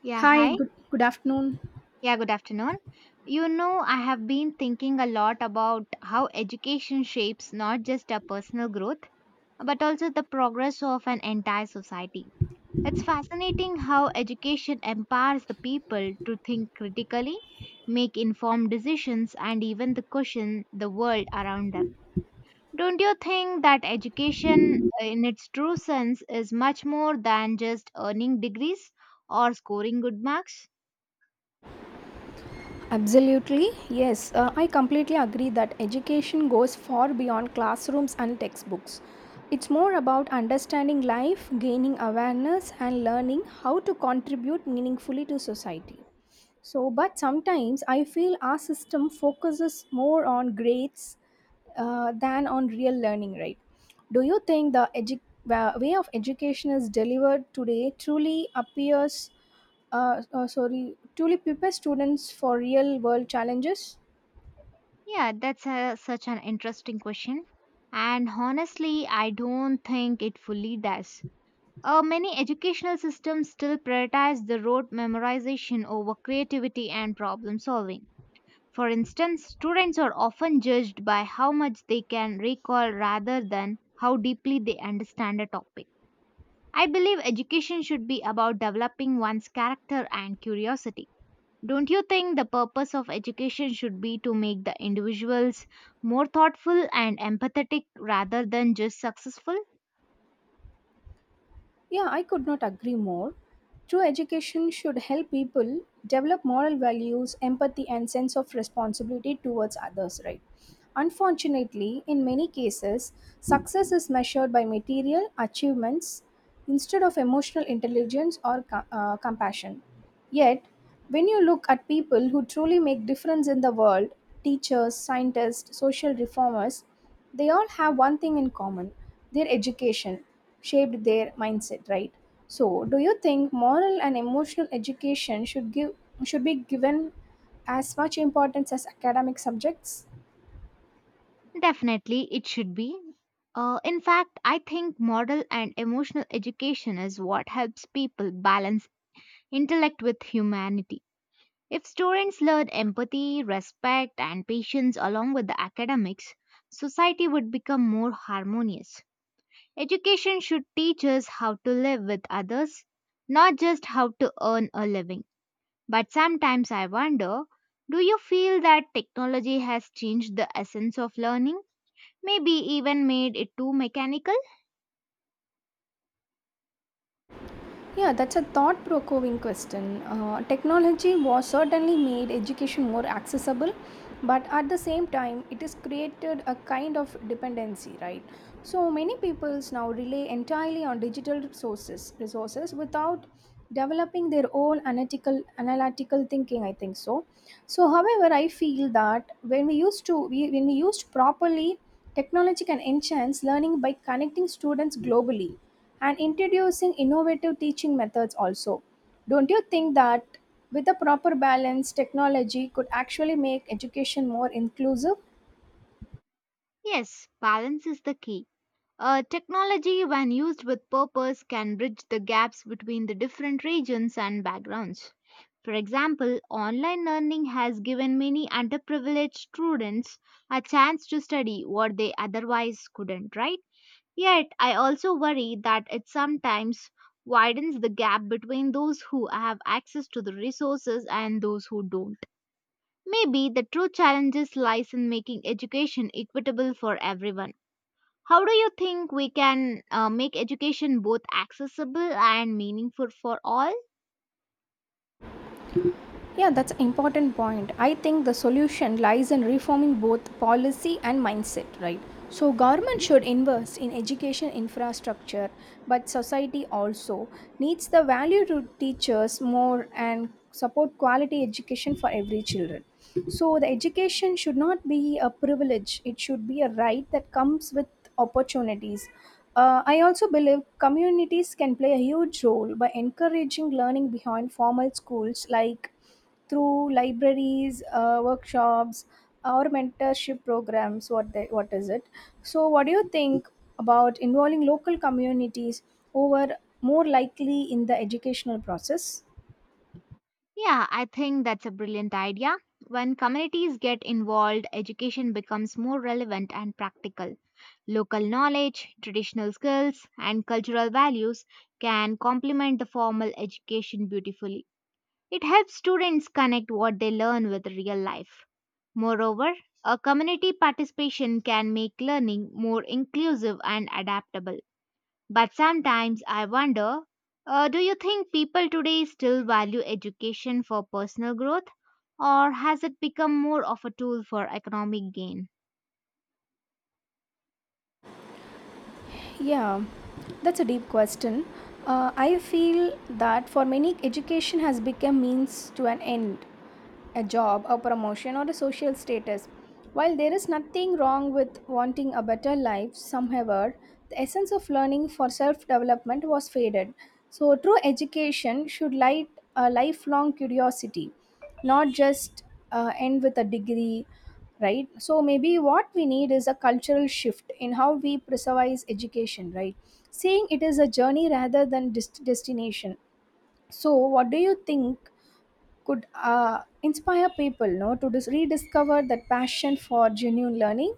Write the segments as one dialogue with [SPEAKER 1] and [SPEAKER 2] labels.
[SPEAKER 1] Yeah,
[SPEAKER 2] Hi,
[SPEAKER 1] hi.
[SPEAKER 2] good afternoon.
[SPEAKER 1] Yeah, good afternoon. You know, I have been thinking a lot about how education shapes not just our personal growth, but also the progress of an entire society. It's fascinating how education empowers the people to think critically, make informed decisions, and even to question the world around them. Don't you think that education, in its true sense, is much more than just earning degrees or scoring good marks?
[SPEAKER 2] Absolutely, yes. I completely agree that education goes far beyond classrooms and textbooks. It's more about understanding life, gaining awareness, and learning how to contribute meaningfully to society. So, but sometimes I feel our system focuses more on grades than on real learning, right? Do you think the way of education is delivered today truly appears? Sorry, truly prepare students for real world challenges?
[SPEAKER 1] Yeah, such an interesting question. And honestly, I don't think it fully does. Many educational systems still prioritize the rote memorization over creativity and problem solving. For instance, students are often judged by how much they can recall rather than how deeply they understand a topic. I believe education should be about developing one's character and curiosity. Don't you think the purpose of education should be to make the individuals more thoughtful and empathetic rather than just successful?
[SPEAKER 2] Yeah, I could not agree more. True education should help people develop moral values, empathy, and sense of responsibility towards others, right? Unfortunately, in many cases, success is measured by material achievements instead of emotional intelligence or compassion. Yet, when you look at people who truly make difference in the world, teachers, scientists, social reformers, they all have one thing in common. Their education shaped their mindset, right? So, do you think moral and emotional education should give should be given as much importance as academic subjects?
[SPEAKER 1] Definitely, it should be. In fact, I think moral and emotional education is what helps people balance intellect with humanity. If students learn empathy, respect, and patience along with the academics, society would become more harmonious. Education should teach us how to live with others, not just how to earn a living. But sometimes I wonder, do you feel that technology has changed the essence of learning? Maybe even made it too mechanical?
[SPEAKER 2] Yeah, that's a thought provoking question. Technology was certainly made education more accessible, but at the same time, it has created a kind of dependency, right? So many peoples now rely entirely on digital sources, resources without developing their own analytical thinking, I think so so however I feel that when we used properly, technology can enhance learning by connecting students globally and introducing innovative teaching methods also. Don't you think that with a proper balance technology could actually make education more inclusive?
[SPEAKER 1] Yes, balance is the key. Technology, when used with purpose, can bridge the gaps between the different regions and backgrounds. For example, online learning has given many underprivileged students a chance to study what they otherwise couldn't, right? Yet, I also worry that it sometimes widens the gap between those who have access to the resources and those who don't. Maybe the true challenges lies in making education equitable for everyone. How do you think we can make education both accessible and meaningful for all?
[SPEAKER 2] Yeah, that's an important point. I think the solution lies in reforming both policy and mindset, right? So government should invest in education infrastructure, but society also needs the value to teachers more and support quality education for every children. So the education should not be a privilege, it should be a right that comes with opportunities. I also believe communities can play a huge role by encouraging learning behind formal schools like through libraries, workshops or mentorship programs what is it. So what do you think about involving local communities over more likely in the educational process?
[SPEAKER 1] Yeah, I think that's a brilliant idea. When communities get involved, education becomes more relevant and practical. Local knowledge, traditional skills, and cultural values can complement the formal education beautifully. It helps students connect what they learn with real life. Moreover, a community participation can make learning more inclusive and adaptable. But sometimes I wonder, do you think people today still value education for personal growth, or has it become more of a tool for economic gain?
[SPEAKER 2] Yeah, that's a deep question. I feel that for many, education has become means to an end, a job, a promotion, or a social status. While there is nothing wrong with wanting a better life, however, the essence of learning for self development was faded. So, true education should light a lifelong curiosity, not just end with a degree, right? So, maybe what we need is a cultural shift in how we preserve education, right? Seeing it is a journey rather than destination. So, what do you think could inspire people no to rediscover that passion for genuine learning?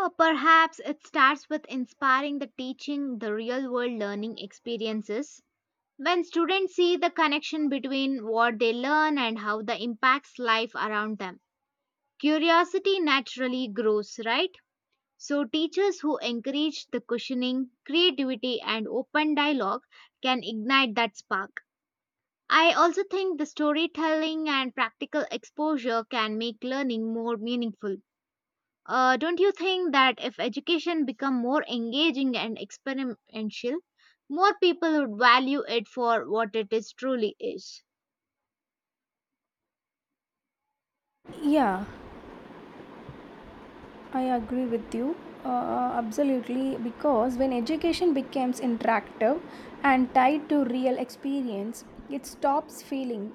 [SPEAKER 1] Or perhaps it starts with inspiring the teaching, the real world learning experiences. When students see the connection between what they learn and how the impacts life around them, curiosity naturally grows, right? So, teachers who encourage the questioning, creativity, and open dialogue can ignite that spark. I also think the storytelling and practical exposure can make learning more meaningful. Don't you think that if education become more engaging and experiential, more people would value it for what it is truly is?
[SPEAKER 2] Yeah, I agree with you. Absolutely, because when education becomes interactive and tied to real experience, it stops feeling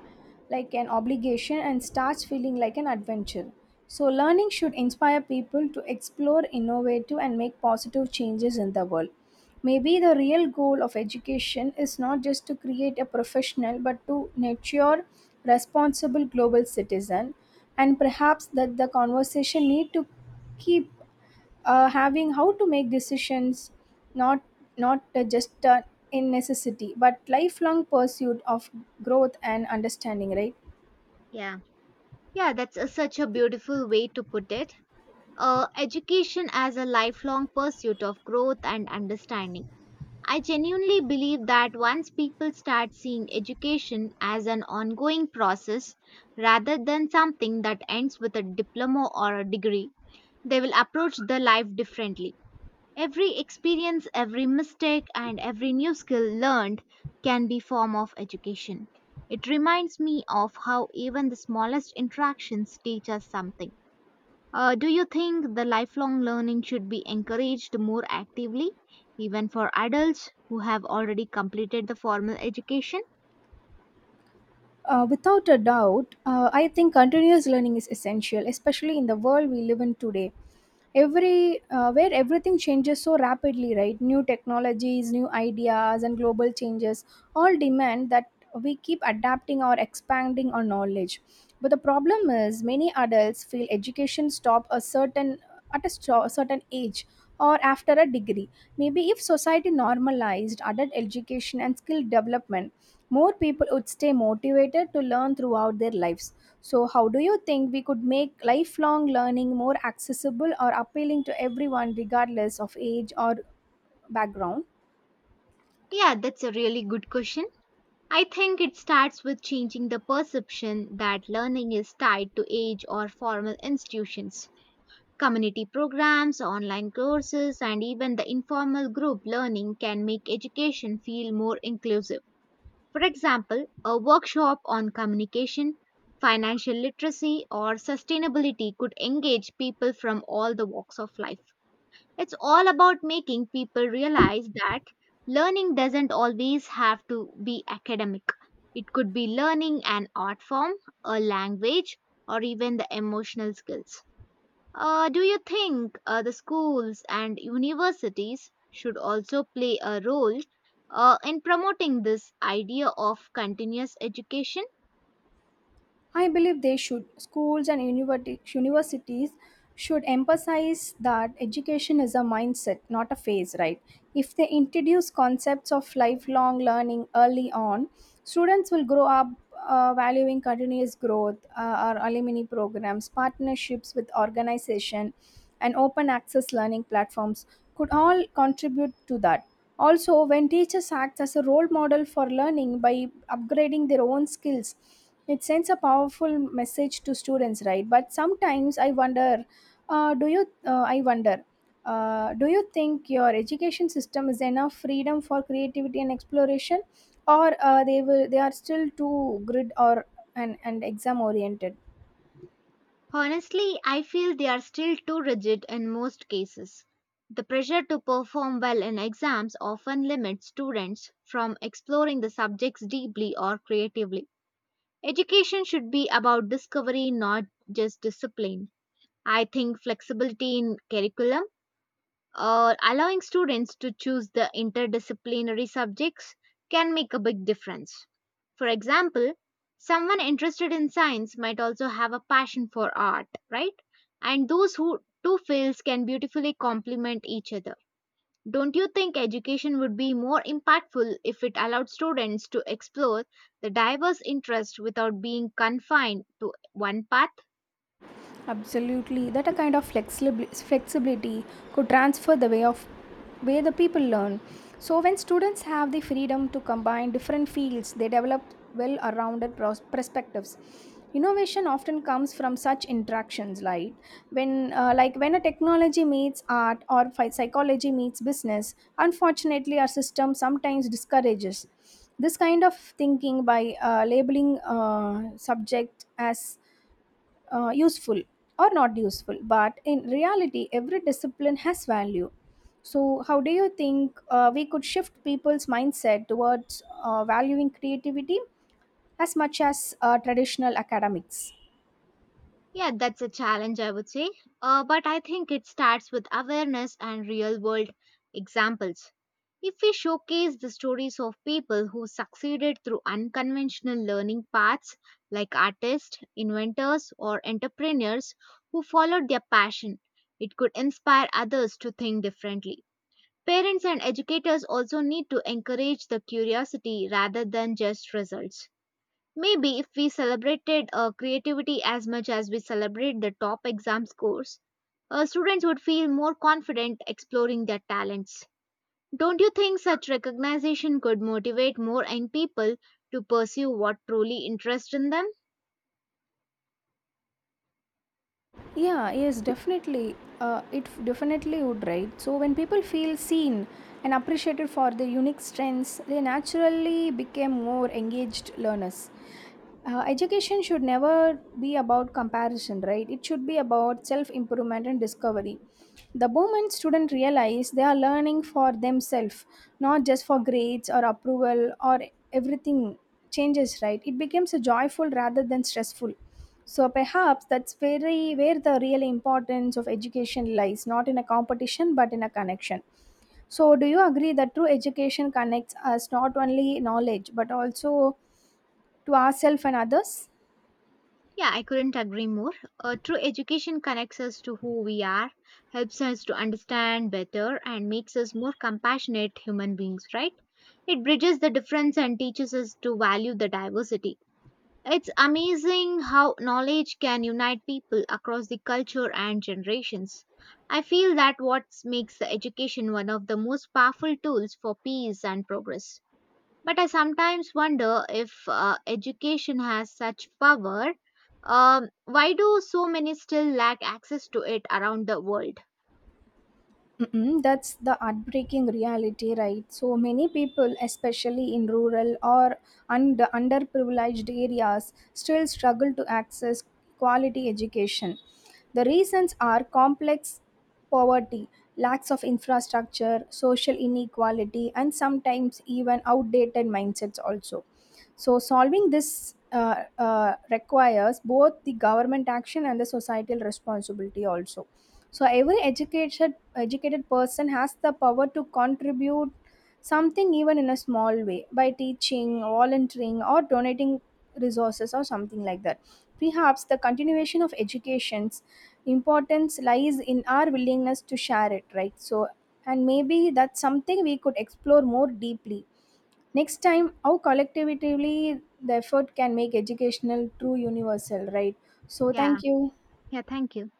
[SPEAKER 2] like an obligation and starts feeling like an adventure. So, learning should inspire people to explore, innovative, and make positive changes in the world. Maybe the real goal of education is not just to create a professional but to nurture responsible global citizen, and perhaps that the conversation need to keep having how to make decisions, not just in necessity but lifelong pursuit of growth and understanding, right?
[SPEAKER 1] Yeah, yeah, such a beautiful way to put it. Education as a lifelong pursuit of growth and understanding. I genuinely believe that once people start seeing education as an ongoing process rather than something that ends with a diploma or a degree, they will approach their life differently. Every experience, every mistake and every new skill learned can be form of education. It reminds me of how even the smallest interactions teach us something. Do you think the lifelong learning should be encouraged more actively, even for adults who have already completed the formal education?
[SPEAKER 2] Without a doubt, I think continuous learning is essential, especially in the world we live in today. Every Where everything changes so rapidly, right? New technologies, new ideas, and global changes all demand that we keep adapting or expanding our knowledge. But the problem is, many adults feel education stop a certain certain age or after a degree. Maybe if society normalized adult education and skill development, more people would stay motivated to learn throughout their lives. So, how do you think we could make lifelong learning more accessible or appealing to everyone, regardless of age or background?
[SPEAKER 1] Yeah, that's a really good question. I think it starts with changing the perception that learning is tied to age or formal institutions. Community programs, online courses, and even the informal group learning can make education feel more inclusive. For example, a workshop on communication, financial literacy, or sustainability could engage people from all the walks of life. It's all about making people realize that learning doesn't always have to be academic. It could be learning an art form, a language, or even the emotional skills. Do you think the schools and universities should also play a role in promoting this idea of continuous education?
[SPEAKER 2] I believe they should. Schools and universities should emphasize that education is a mindset, not a phase, right? If they introduce concepts of lifelong learning early on, students will grow up valuing continuous growth. Our alumni programs, partnerships with organization, and open access learning platforms could all contribute to that. Also, when teachers act as a role model for learning by upgrading their own skills, it sends a powerful message to students, right? But sometimes I wonder, do you? I wonder, do you think your education system is enough freedom for creativity and exploration, or they are still too grid or and exam oriented?
[SPEAKER 1] Honestly, I feel they are still too rigid in most cases. The pressure to perform well in exams often limits students from exploring the subjects deeply or creatively. Education should be about discovery, not just discipline. I think flexibility in curricula or allowing students to choose the interdisciplinary subjects can make a big difference. For example, someone interested in science might also have a passion for art, right? And those who two fields can beautifully complement each other. Don't you think education would be more impactful if it allowed students to explore the diverse interests without being confined to one path?
[SPEAKER 2] Absolutely, that a kind of flexibility could transfer the way of way the people learn. So when students have the freedom to combine different fields, they develop perspectives. Innovation often comes from such interactions, like when a technology meets art or psychology meets business. Unfortunately, our system sometimes discourages this kind of thinking by labeling subject as useful or not useful, but in reality every discipline has value. So how do you think we could shift people's mindset towards valuing creativity as much as traditional academics?
[SPEAKER 1] Yeah, that's a challenge, I would say. But I think it starts with awareness and real world examples. If we showcase the stories of people who succeeded through unconventional learning paths, like artists, inventors, or entrepreneurs who followed their passion, it could inspire others to think differently. Parents and educators also need to encourage the curiosity rather than just results. Maybe if we celebrated creativity as much as we celebrate the top exam scores, students would feel more confident exploring their talents. Don't you think such recognition could motivate more young people to pursue what truly interests in them?
[SPEAKER 2] Yeah, yes, definitely. It definitely would, right? So when people feel seen and appreciated for their unique strengths, they naturally become more engaged learners. Education should never be about comparison, right? It should be about self improvement and discovery. The moment students realize they are learning for themselves, not just for grades or approval, or everything changes, right? It becomes a joyful rather than stressful. So perhaps that's very where the real importance of education lies, not in a competition but in a connection. So do you agree that true education connects us not only knowledge but also to ourselves and others?
[SPEAKER 1] Yeah, I couldn't agree more. True education connects us to who we are, helps us to understand better, and makes us more compassionate human beings, right? It bridges the difference and teaches us to value the diversity. It's amazing how knowledge can unite people across the culture and generations. I feel that what makes the education one of the most powerful tools for peace and progress. But I sometimes wonder if education has such power. Why do so many still lack access to it around the world?
[SPEAKER 2] Mm-mm, that's the heartbreaking reality, right? So many people, especially in rural or underprivileged areas, still struggle to access quality education. The reasons are complex: poverty, lacks of infrastructure, social inequality, and sometimes even outdated mindsets also. So solving this requires both the government action and the societal responsibility also. So every educated person has the power to contribute something, even in a small way, by teaching, volunteering, or donating resources or something like that. Perhaps the continuation of education's importance lies in our willingness to share it, right? So and maybe that's something we could explore more deeply next time, how collectively the effort can make educational true universal, right? So
[SPEAKER 1] Yeah.
[SPEAKER 2] thank you.
[SPEAKER 1] Yeah, thank you.